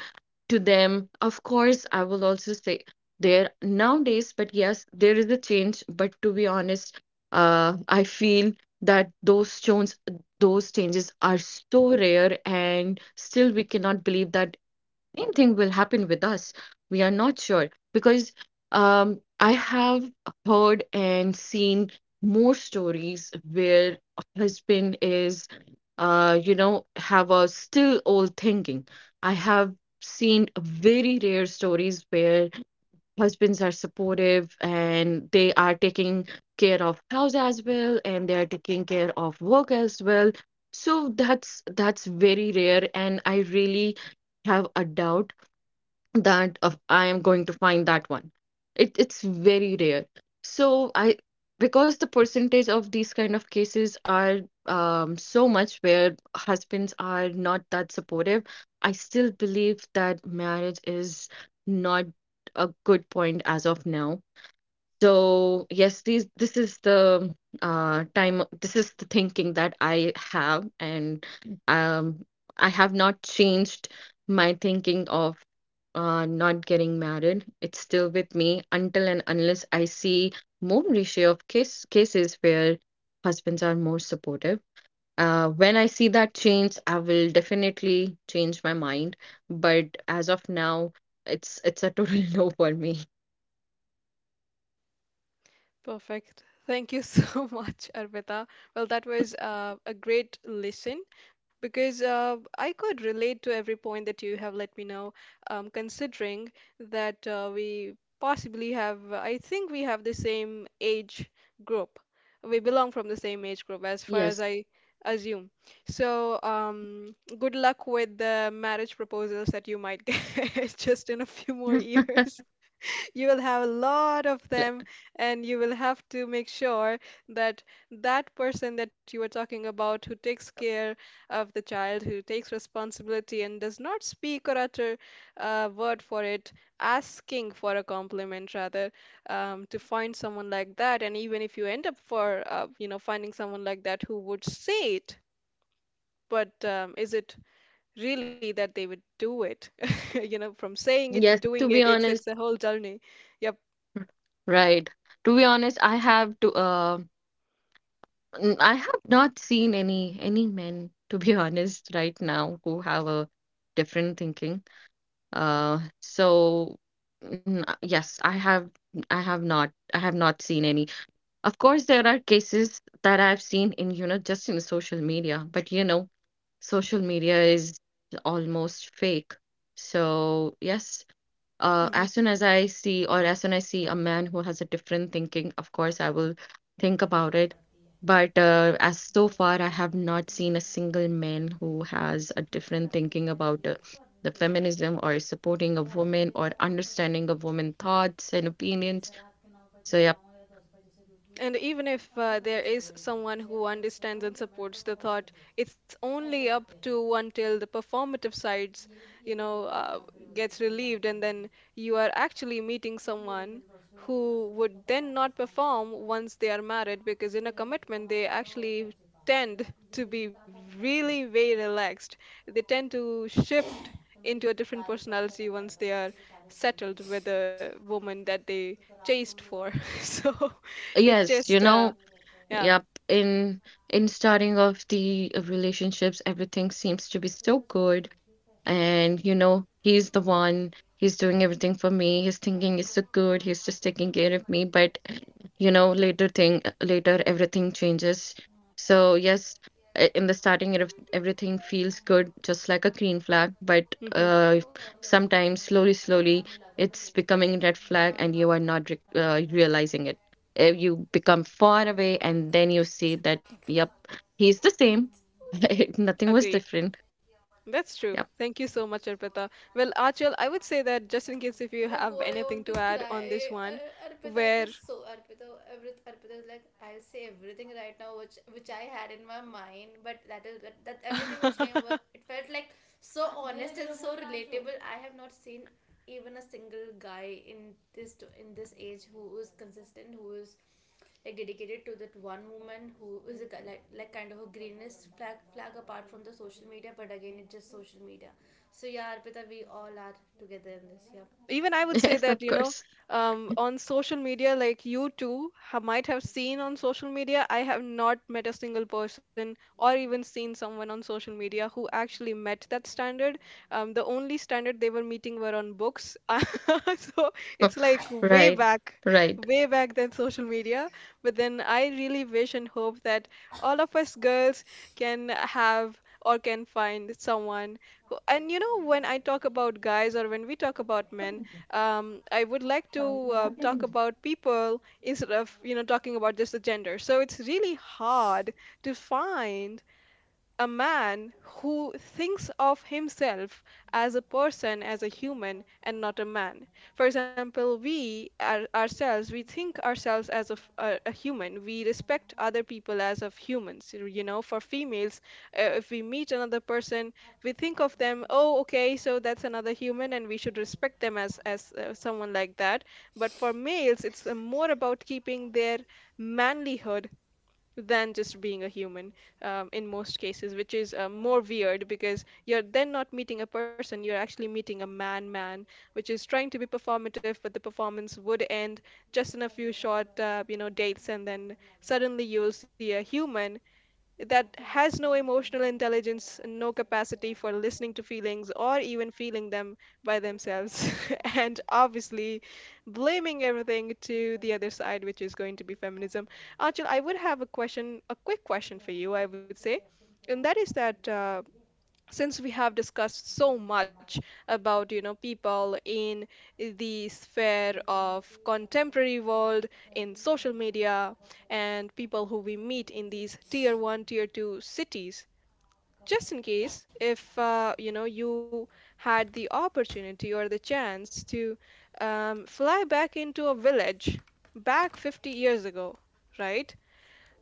S2: to them. Of course, I will also say there nowadays, but yes, there is a change. But to be honest, I feel that those changes are so rare, and still we cannot believe that same thing will happen with us. We are not sure because I have heard and seen more stories where a husband is, you know, have a still old thinking. I have seen very rare stories where husbands are supportive and they are taking care of house as well and they are taking care of work as well. So that's very rare, and I really have a doubt that of I am going to find that one. It's very rare. So I, because the percentage of these kind of cases are so much where husbands are not that supportive, I still believe that marriage is not a good point as of now. So yes, these this is the time. This is the thinking that I have, and um, I have not changed my thinking of not getting married. It's still with me until and unless I see more ratio of cases where husbands are more supportive. When I see that change, I will definitely change my mind. But as of now, it's a total no for me.
S1: Perfect. Thank you so much, Arpita. Well, that was a great listen because I could relate to every point that you have let me know, considering that we possibly have, I think we have the same age group. We belong from the same age group, as
S2: Yes.
S1: far as I assume. So, good luck with the marriage proposals that you might get just in a few more years. You will have a lot of them, and you will have to make sure that that person that you are talking about who takes care of the child, who takes responsibility and does not speak or utter a word for it asking for a compliment rather, to find someone like that, and even if you end up for you know finding someone like that who would say it, but is it really that they would do it? You know, from saying it to
S2: Yes,
S1: doing
S2: to
S1: it,
S2: be
S1: it's a
S2: honest,
S1: whole journey. Yep.
S2: right. To be honest, I have to I have not seen any men, to be honest, right now who have a different thinking. So yes, I have I have not seen any. Of course, there are cases that I've seen in, you know, just in social media, but you know, social media is almost fake. So, yes,
S1: Hmm.
S2: as soon as I see, or as soon I see a man who has a different thinking, of course I will think about it. But as so far, I have not seen a single man who has a different thinking about the feminism or supporting a woman or understanding of women thoughts and opinions. So yeah,
S1: And even if there is someone who understands and supports the thought, it's only up to until the performative sides, you know, gets relieved, and then you are actually meeting someone who would then not perform once they are married, because in a commitment they actually tend to be really very relaxed. They tend to shift into a different personality once they are settled with a woman that they chased for. So. It's
S2: yes,
S1: just,
S2: you
S1: uh,
S2: know,
S1: Yeah,
S2: yep. In starting off the relationships, everything seems to be so good and you know he's the one, he's doing everything for me, he's thinking, he's so good, he's just taking care of me, but you know later thing later everything changes, so yes.
S3: Oh
S2: In the starting it, everything feels good just like a green flag, but
S1: hmm,
S2: uh, sometimes slowly slowly it's becoming a red flag and you are not realizing it. You become far away and then you see that yep, he's the same, nothing was
S1: agreed.
S2: different.
S1: That's true.
S2: Yeah.
S1: Thank you so much, Arpita. Well, Achal, I would say that just in case if you
S3: my
S1: have
S3: god, I want
S1: anything
S3: to
S1: to add on this
S3: cry.
S1: one,
S3: Arpita, it
S1: where
S3: is so Arpita. Arpita is like I'll say everything right now, which I had in my mind, but that everything which came it felt like so honest and so relatable. I have not seen even a single guy in this age who is consistent, who is like dedicated to that one woman, who is a, like kind of a greenest flag apart from the social media. But again, it's just social media. So yeah, Arpita, we all are together in this. Yeah.
S1: even I would say
S2: Yes,
S1: that,
S2: of
S1: you know,
S2: course.
S1: on social media, like you too ha might have seen on social media, I have not met a single person or even seen someone on social media who actually met that standard. The only standard they were meeting were on books. So it's like
S2: Right, right.
S1: way back than social media. But then I really wish and hope that all of us girls can have or can find someone who, and you know, when I talk about guys or when we talk about men, I would like to talk about people instead of, you know, talking about just the gender. So it's really hard to find a man who thinks of himself as a person, as a human, and not a man. For example, we are, ourselves, we think ourselves as a human. We respect other people as of humans. You know, for females, if we meet another person, we think of them, oh, okay, so that's another human, and we should respect them as as someone like that. But for males, it's more about keeping their manlyhood than just being a human, in most cases, which is more weird because you're then not meeting a person, you're actually meeting a man man, which is trying to be performative, but the performance would end just in a few short, you know, dates, and then suddenly you'll see a human that has no emotional intelligence, no capacity for listening to feelings or even feeling them by themselves, and obviously blaming everything to the other side, which is going to be feminism. Achal, I would have a question, a quick question for you, I would say, and that is that since we have discussed so much about people in the sphere of contemporary world, in social media, and people who we meet in these tier 1 tier 2 cities. Just in case if you had the opportunity or the chance to fly back into a village back 50 years ago, right?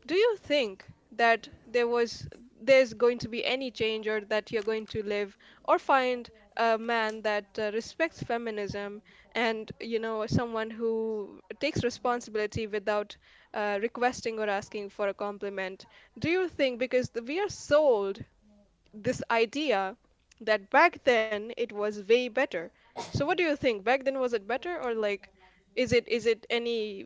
S1: Do you think that there's going to be any change, or that you're going to live or find a man that respects feminism, and someone who takes responsibility without requesting or asking for a compliment? Do you think, because we are sold this idea that back then it was way better. So what do you think? Back then, was it better, or like is it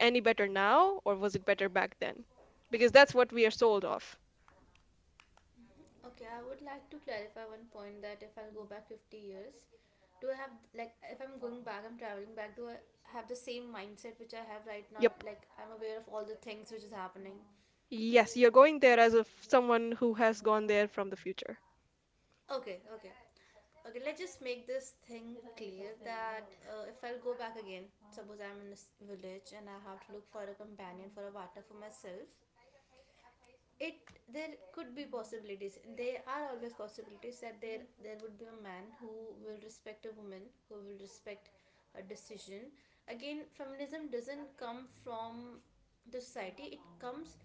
S1: any better now, or was it better back then? Because that's what we are sold off.
S3: Okay, I would like to clarify one point that if I'll go back 50 years, do I have, like, if I'm going back, I'm traveling back, do I have the same mindset which I have right
S1: Yep.
S3: now? Like, I'm aware of all the things which is happening.
S1: Yes, you're going there as if someone who has gone there from the future.
S3: Okay, okay. Okay, let's just make this thing clear that if I'll go back again, suppose I'm in this village and I have to look for a companion for a water for myself, it there could be possibilities, there are always possibilities that there would be a man who will respect a woman, who will respect a decision. Again, feminism doesn't come from the society, it comes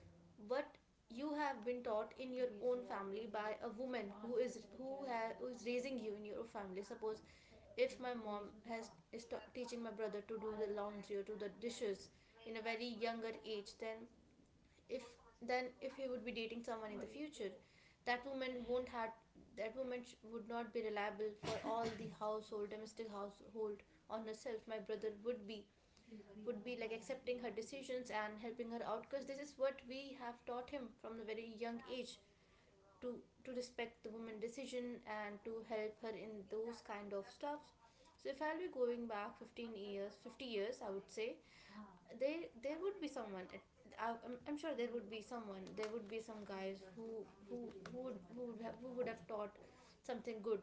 S3: what you have been taught in your own family by a woman who is who has who is raising you in your family. Suppose if my mom has is ta- teaching my brother to do the laundry or do the dishes in a very younger age, if then if he would be dating someone in the future, that woman won't have, that woman sh- would not be reliable for all the household, domestic household on herself. My brother would be, would be like accepting her decisions and helping her out, because this is what we have taught him from the very young age to respect the woman decision and to help her in those kind of stuff. So if I'll be going back 15 years, 50 years, I would say they there would be someone. I'm, I'm sure there would be someone. There would be some guys who would who would have taught something good,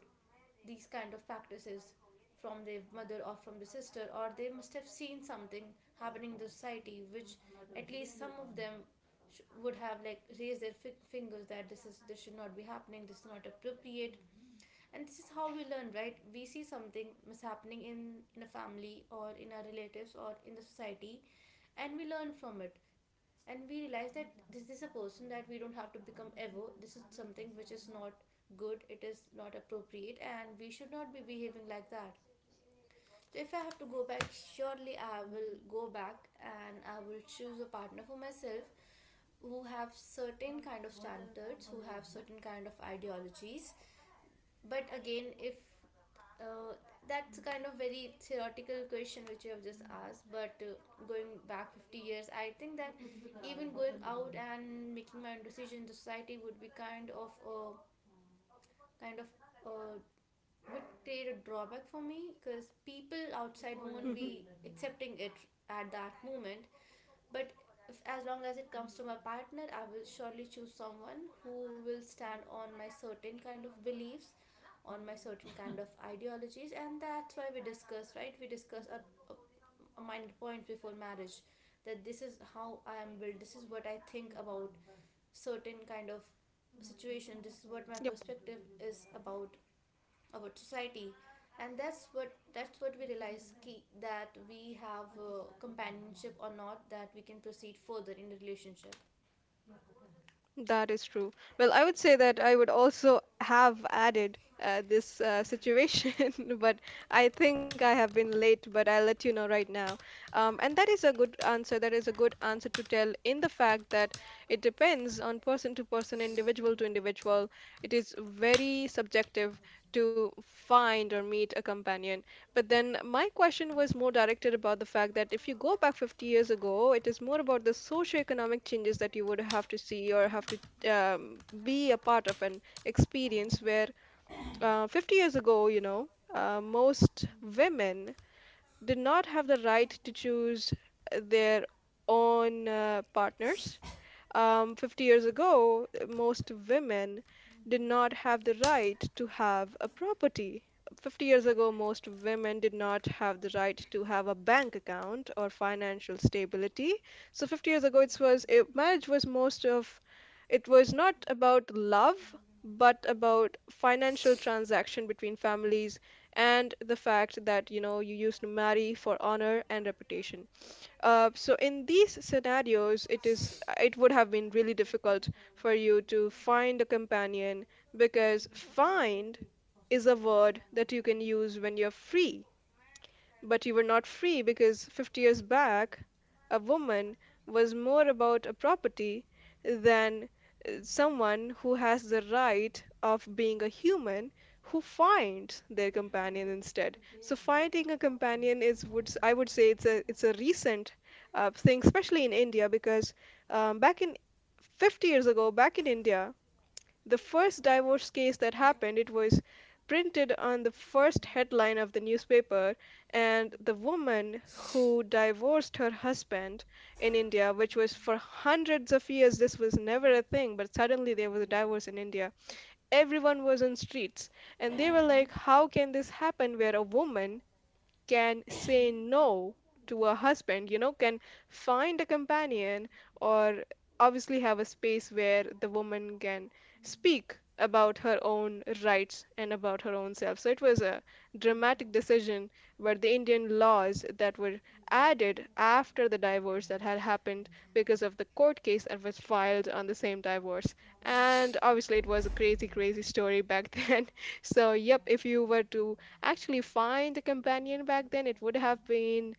S3: these kind of practices from their mother or from the sister, or they must have seen something happening in the society, which at least some of them sh- would have like raised their fi- fingers that this is this should not be happening. This is not appropriate. And this is how we learn, right? We see something mishappening in a family or in our relatives or in the society, and we learn from it, and we realize that this is a person that we don't have to become ever. This is something which is not good, it is not appropriate, and we should not be behaving like that. So if I have to go back, surely I will go back and I will choose a partner for myself who have certain kind of standards, who have certain kind of ideologies. But again, if uh, that's kind of very theoretical question which you have just asked, but going back 50 years, I think that even going out and making my own decision in society would be kind of a kind of uh, would create a drawback for me because people outside won't
S1: Hmm.
S3: be accepting it at that moment. But if, as long as it comes to my partner, I will surely choose someone who will stand on my certain kind of beliefs, on my certain kind of ideologies. And that's why we discuss, right? We discuss our mind point before marriage, that this is how I am built, this is what I think about certain kind of situation, this is what my
S1: Yep.
S3: perspective is about society. And that's what we realize ki, that we have companionship or not, that we can proceed further in the relationship.
S1: That is true. Well, I would say that I would also have added this situation, but I think I have been late, but I'll let you know right now. And that is a good answer. That is a good answer, to tell in the fact that it depends on person to person, individual to individual. It is very subjective to find or meet a companion. But then my question was more directed about the fact that if you go back 50 years ago, it is more about the socioeconomic changes that you would have to see or have to um, be a part of, an experience where 50 years ago, most women did not have the right to choose their own partners. 50 years ago, most women did not have the right to have a property. 50 years ago, most women did not have the right to have a bank account or financial stability. So 50 years ago, marriage was most of it was not about love, but about financial transaction between families, and the fact that you used to marry for honor and reputation. So in these scenarios, it would have been really difficult for you to find a companion, because find is a word that you can use when you're free, but you were not free, because 50 years back, a woman was more about a property than someone who has the right of being a human, who finds their companion instead. So finding a companion I would say it's a recent thing, especially in India, because back in 50 years ago, back in India, the first divorce case that happened, it was printed on the first headline of the newspaper, and the woman who divorced her husband in India, which was for hundreds of years, this was never a thing, but suddenly there was a divorce in India. Everyone was on streets, and they were like, how can this happen, where a woman can say no to a husband, can find a companion, or obviously have a space where the woman can speak about her own rights and about her own self. So it was a dramatic decision, but the Indian laws that were added after the divorce that had happened because of the court case that was filed on the same divorce. And obviously, it was a crazy, crazy story back then. So, yep, if you were to actually find a companion back then, it would have been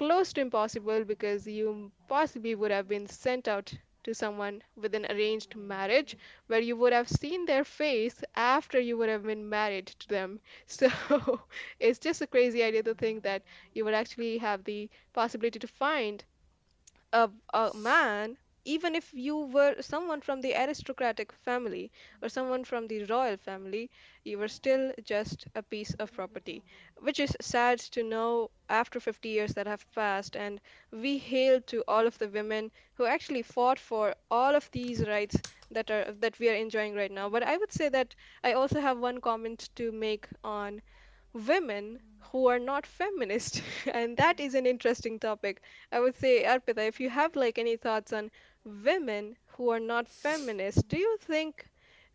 S1: close to impossible, because you possibly would have been sent out to someone with an arranged marriage, where you would have seen their face after you would have been married to them. So it's just a crazy idea to think that you would actually have the possibility to find a man. Even if you were someone from the aristocratic family or someone from the royal family, you were still just a piece of property, which is sad to know after 50 years that have passed. And we hail to all of the women who actually fought for all of these rights that we are enjoying right now. But I would say that I also have one comment to make on women who are not feminist, and that is an interesting topic. I would say, Arpita, if you have like any thoughts on women who are not feminist, do you think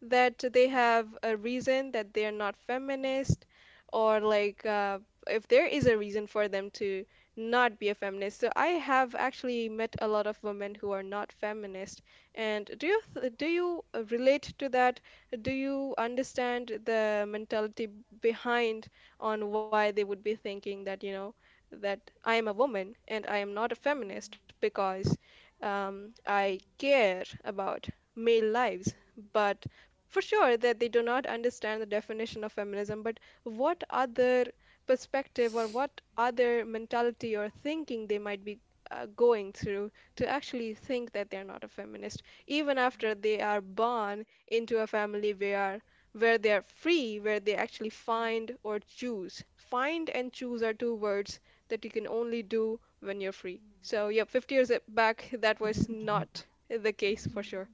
S1: that they have a reason that they are not feminist, or like if there is a reason for them to not be a feminist? So I have actually met a lot of women who are not feminist. And do you relate to that? Do you understand the mentality behind, on why they would be thinking that, that I am a woman and I am not a feminist because I care about male lives. But for sure that they do not understand the definition of feminism. But what other perspective, or what other mentality or thinking they might be going through to actually think that they're not a feminist, even after they are born into a family where they are free, where they actually find or choose. Find and choose are two words that you can only do when you're free. So, yeah, 50 years back, that was not the case for sure.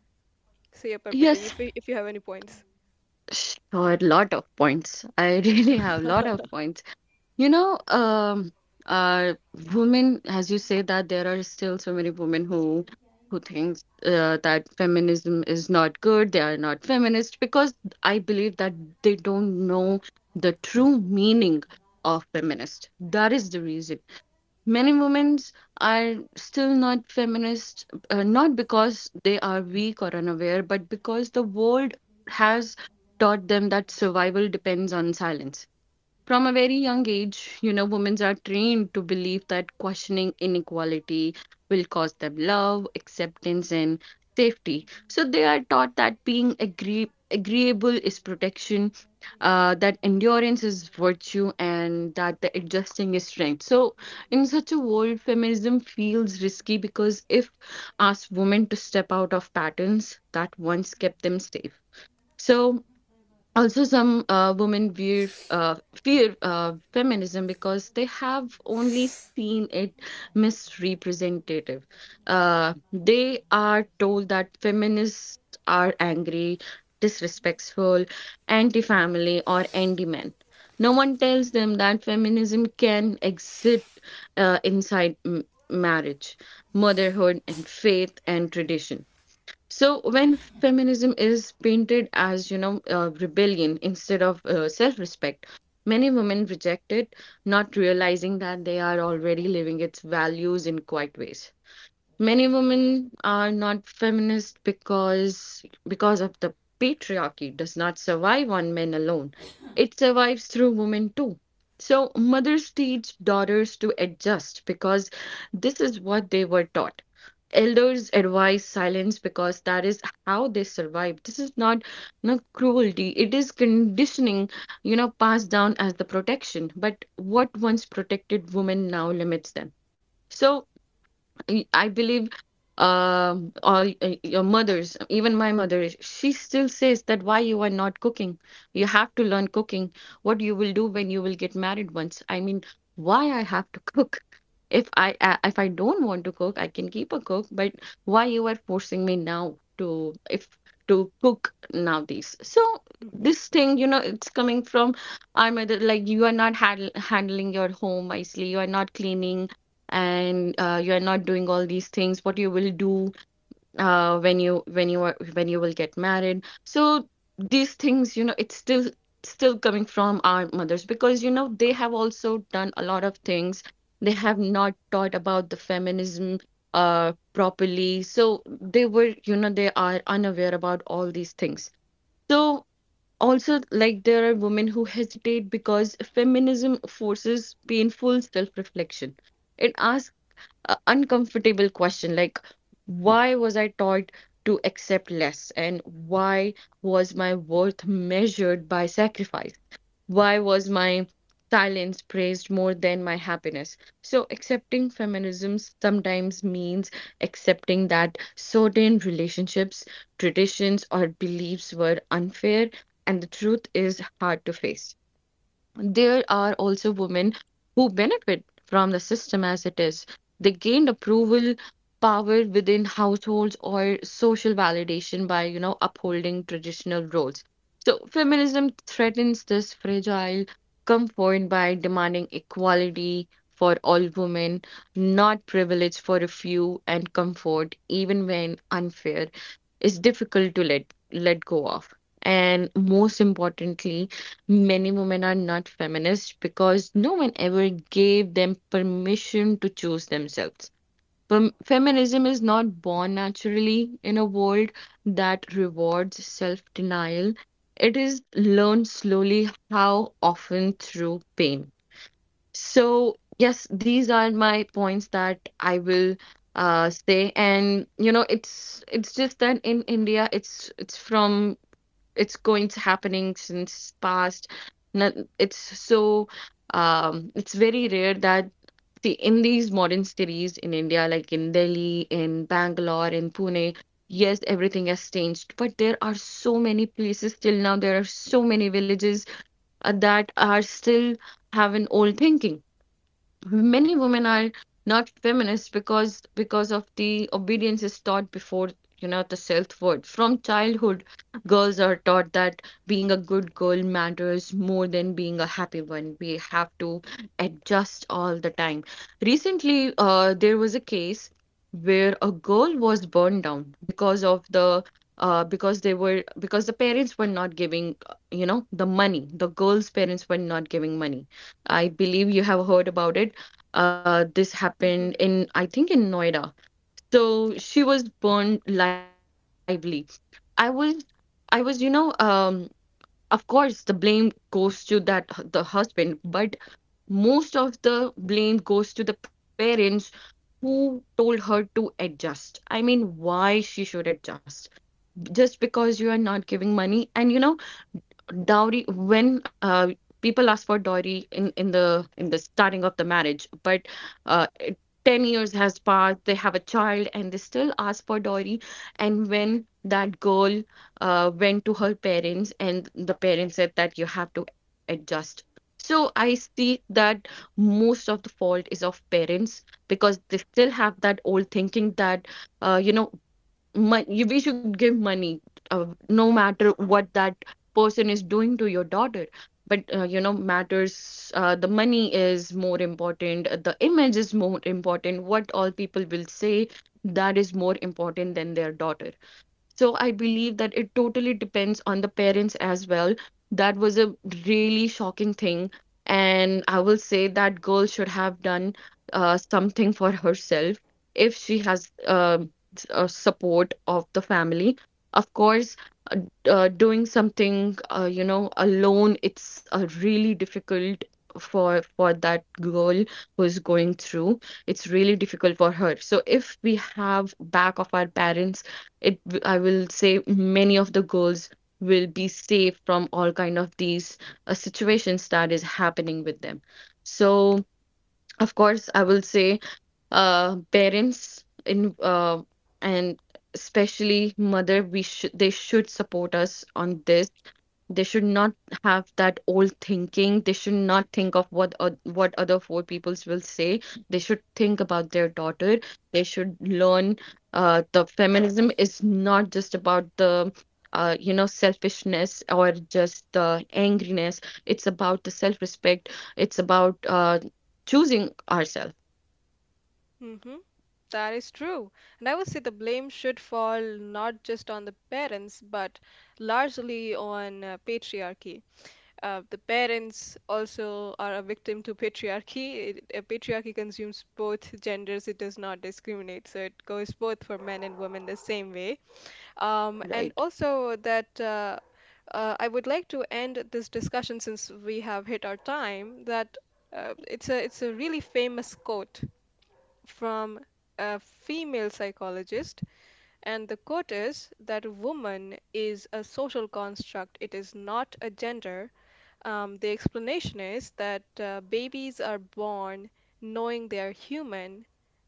S1: So, yeah, Parpita,
S2: Yes,
S1: if you have any points.
S2: sure, lot of points. I really have lot of points. You know, uh, women, as you say that there are still so many women who thinks that feminism is not good. They are not feminist because I believe that they don't know the true meaning of feminist. That is the reason. Many women are still not feminists, not because they are weak or unaware, but because the world has taught them that survival depends on silence. From a very young age, you know, women are trained to believe that questioning inequality will cause them love, acceptance, and safety. So they are taught that being agreeable is protection, that endurance is virtue, and that the adjusting is strength. So, in such a world, feminism feels risky because if asked women to step out of patterns that once kept them safe. So, also some women fear feminism because they have only seen it misrepresentative. They are told that feminists are angry, disrespectful, anti-family or anti-men. No one tells them that feminism can exist inside marriage, motherhood and faith and tradition. So when feminism is painted as, you know, rebellion instead of self-respect, many women reject it, not realizing that they are already living its values in quiet ways. Many women are not feminist because of the patriarchy does not survive on men alone. It survives through women too. So mothers teach daughters to adjust because this is what they were taught. Elders advise silence because that is how they survive. This is not no cruelty. It is conditioning, you know, passed down as the protection. But what once protected women now limits them. So I believe all your mothers, even my mother, she still says that why you are not cooking. You have to learn cooking. What you will do when you will get married once. I mean, why I have to cook? If I don't want to cook, I can keep a cook, but why you are forcing me now to if to cook nowadays? So
S1: Hmm.
S2: this thing, you know, it's coming from our mother, like you are not handling your home wisely, you are not cleaning and you are not doing all these things what you will do when you will get married. So these things, you know, it's still coming from our mothers because you know they have also done a lot of things, they have not taught about the feminism properly, so they were, you know, they are unaware about all these things. So also like there are women who hesitate because feminism forces painful self-reflection. It asks uncomfortable question like why was I taught to accept less, and why was my worth measured by sacrifice, why was my silence praised more than my happiness? So accepting feminism sometimes means accepting that certain relationships, traditions or beliefs were unfair, and the truth is hard to face. There are also women who benefit from the system as it is. They gained approval, power within households or social validation by, you know, upholding traditional roles. So feminism threatens this fragile comfort by demanding equality for all women, not privilege for a few, and comfort, even when unfair, is difficult to let go of. And most importantly, many women are not feminists because no one ever gave them permission to choose themselves. Feminism is not born naturally in a world that rewards self denial. It is learned slowly, how often through pain. So, yes, these are my points that I will say. And you know, it's just that in India, it's from it's going to happening since past it's so it's very rare that, see, in these modern cities in India, like in Delhi, in Bangalore, in Pune, yes everything has changed, but there are so many places till now, there are so many villages that are still have an old thinking. Many women are not feminists because of the obedience is taught before, you know, the self-worth. From childhood, girls are taught that being a good girl matters more than being a happy one. We have to adjust all the time. Recently, there was a case where a girl was burned down because of the because the parents were not giving, you know, the money. The girl's parents were not giving money. I believe you have heard about it. This happened
S1: Hmm.
S2: in, I think, in Noida. So she was burned lively. I was, I was, you know, of course, the blame goes to the husband, but most of the blame goes to the parents who told her to adjust. I mean, why she should adjust? Just because you are not giving money, and you know dowry when people ask for dowry in in the starting of the marriage, but 10 years has passed, they have a child and they still ask for dowry. And when that girl went to her parents and the parents said that you have to adjust, so I see that most of the fault is of parents because they still have that old thinking that you know we should give money, no matter what that person is doing to your daughter. But you know matters, the money is more important, the image is more important, what all people will say, that is more important than their daughter. So I believe that
S1: Hmm.
S2: it totally depends on the parents as well. That was a really shocking thing. And I will say that girl should have done something for herself if she has support of the family. Of course, doing something, you know, alone, it's really difficult for that girl who's going through. It's really difficult for her. So if we have back of our parents, I will say many of the girls will be safe from all kind of these situations that is happening with them. So of course, I will say parents in and especially mother, we should they should support us on this. They should not have that old thinking. They should not think of what what other four peoples will say. They should think about their daughter. They should learn the feminism is not just about the you know selfishness or just the angriness. It's about the self-respect. It's about choosing ourselves.
S1: Hmm. That is true. And I would say the blame should fall not just on the parents, but largely on patriarchy. The parents also are a victim to patriarchy. Patriarchy consumes both genders, it does not discriminate. So it goes both for men and women the same way. And
S2: Right.
S1: also that I would like to end this discussion, since we have hit our time, that it's a really famous quote from a female psychologist, and the quote is that woman is a social construct, it is not a gender. The explanation is that babies are born knowing they are human,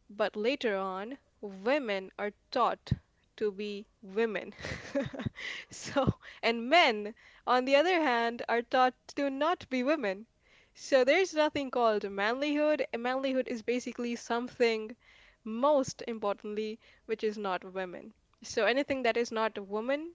S1: but later on, women are taught to be women. So, and men, on the other hand, are taught to not be women. So there's nothing called manlyhood. Manlyhood is basically something, most importantly, which is not women. So anything that is not a woman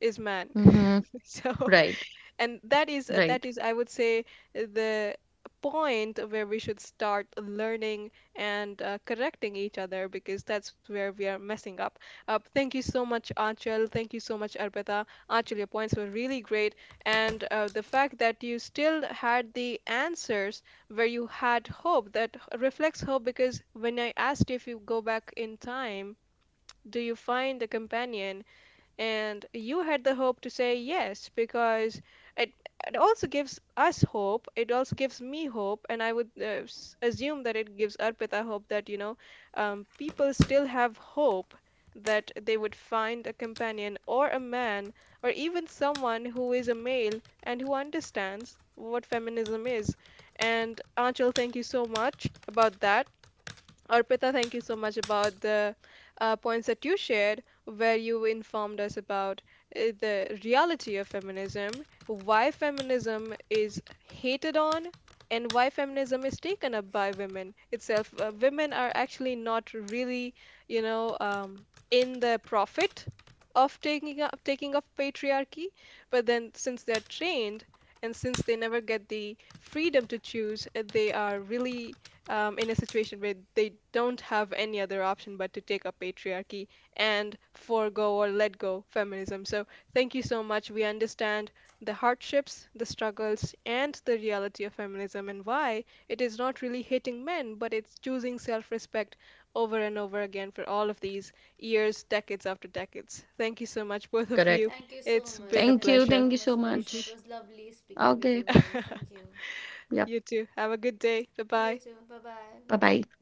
S1: is man.
S2: Mm-hmm.
S1: So,
S2: Right.
S1: and that is that
S2: Right.
S1: is, I would say, the point where we should start learning and correcting each other, because that's where we are messing up. Thank you so much, Achal. Thank you so much, Arpita. Achal, your points were really great, and the fact that you still had the answers, where you had hope reflects hope, because when I asked if you go back in time, do you find a companion? And you had the hope to say yes, because it, it also gives us hope. It also gives me hope. And I would assume that it gives Arpita hope that, people still have hope that they would find a companion or a man, or even someone who is a male and who understands what feminism is. And Anchal, thank you so much about that. Arpita, thank you so much about the points that you shared, where you informed us about the reality of feminism, why feminism is hated on, and why feminism is taken up by women itself. Women are actually not really, you know, um, in the profit of taking of patriarchy, but then since they're trained, and since they never get the freedom to choose, they are really in a situation where they don't have any other option but to take up patriarchy and forego or let go feminism. So, thank you so much. We understand the hardships, the struggles, and the reality of feminism, and why it is not really hating men, but it's choosing self respect over and over again for all of these years, decades after decades. Thank you so much, both of
S2: Correct.
S1: you.
S3: Thank you so
S1: It's
S3: much.
S1: been a
S2: Thank
S3: Thank you
S2: you.
S3: so
S1: pleasure.
S2: Thank you
S3: much,
S2: so
S3: Sebastian. It
S1: Mhm.
S3: was
S2: much.
S3: lovely speaking with you
S2: Okay.
S3: guys. Thank you.
S2: Yep.
S1: You too. Have a good day. Bye
S3: You
S1: bye.
S3: too, bye bye
S2: Bye bye.
S3: bye.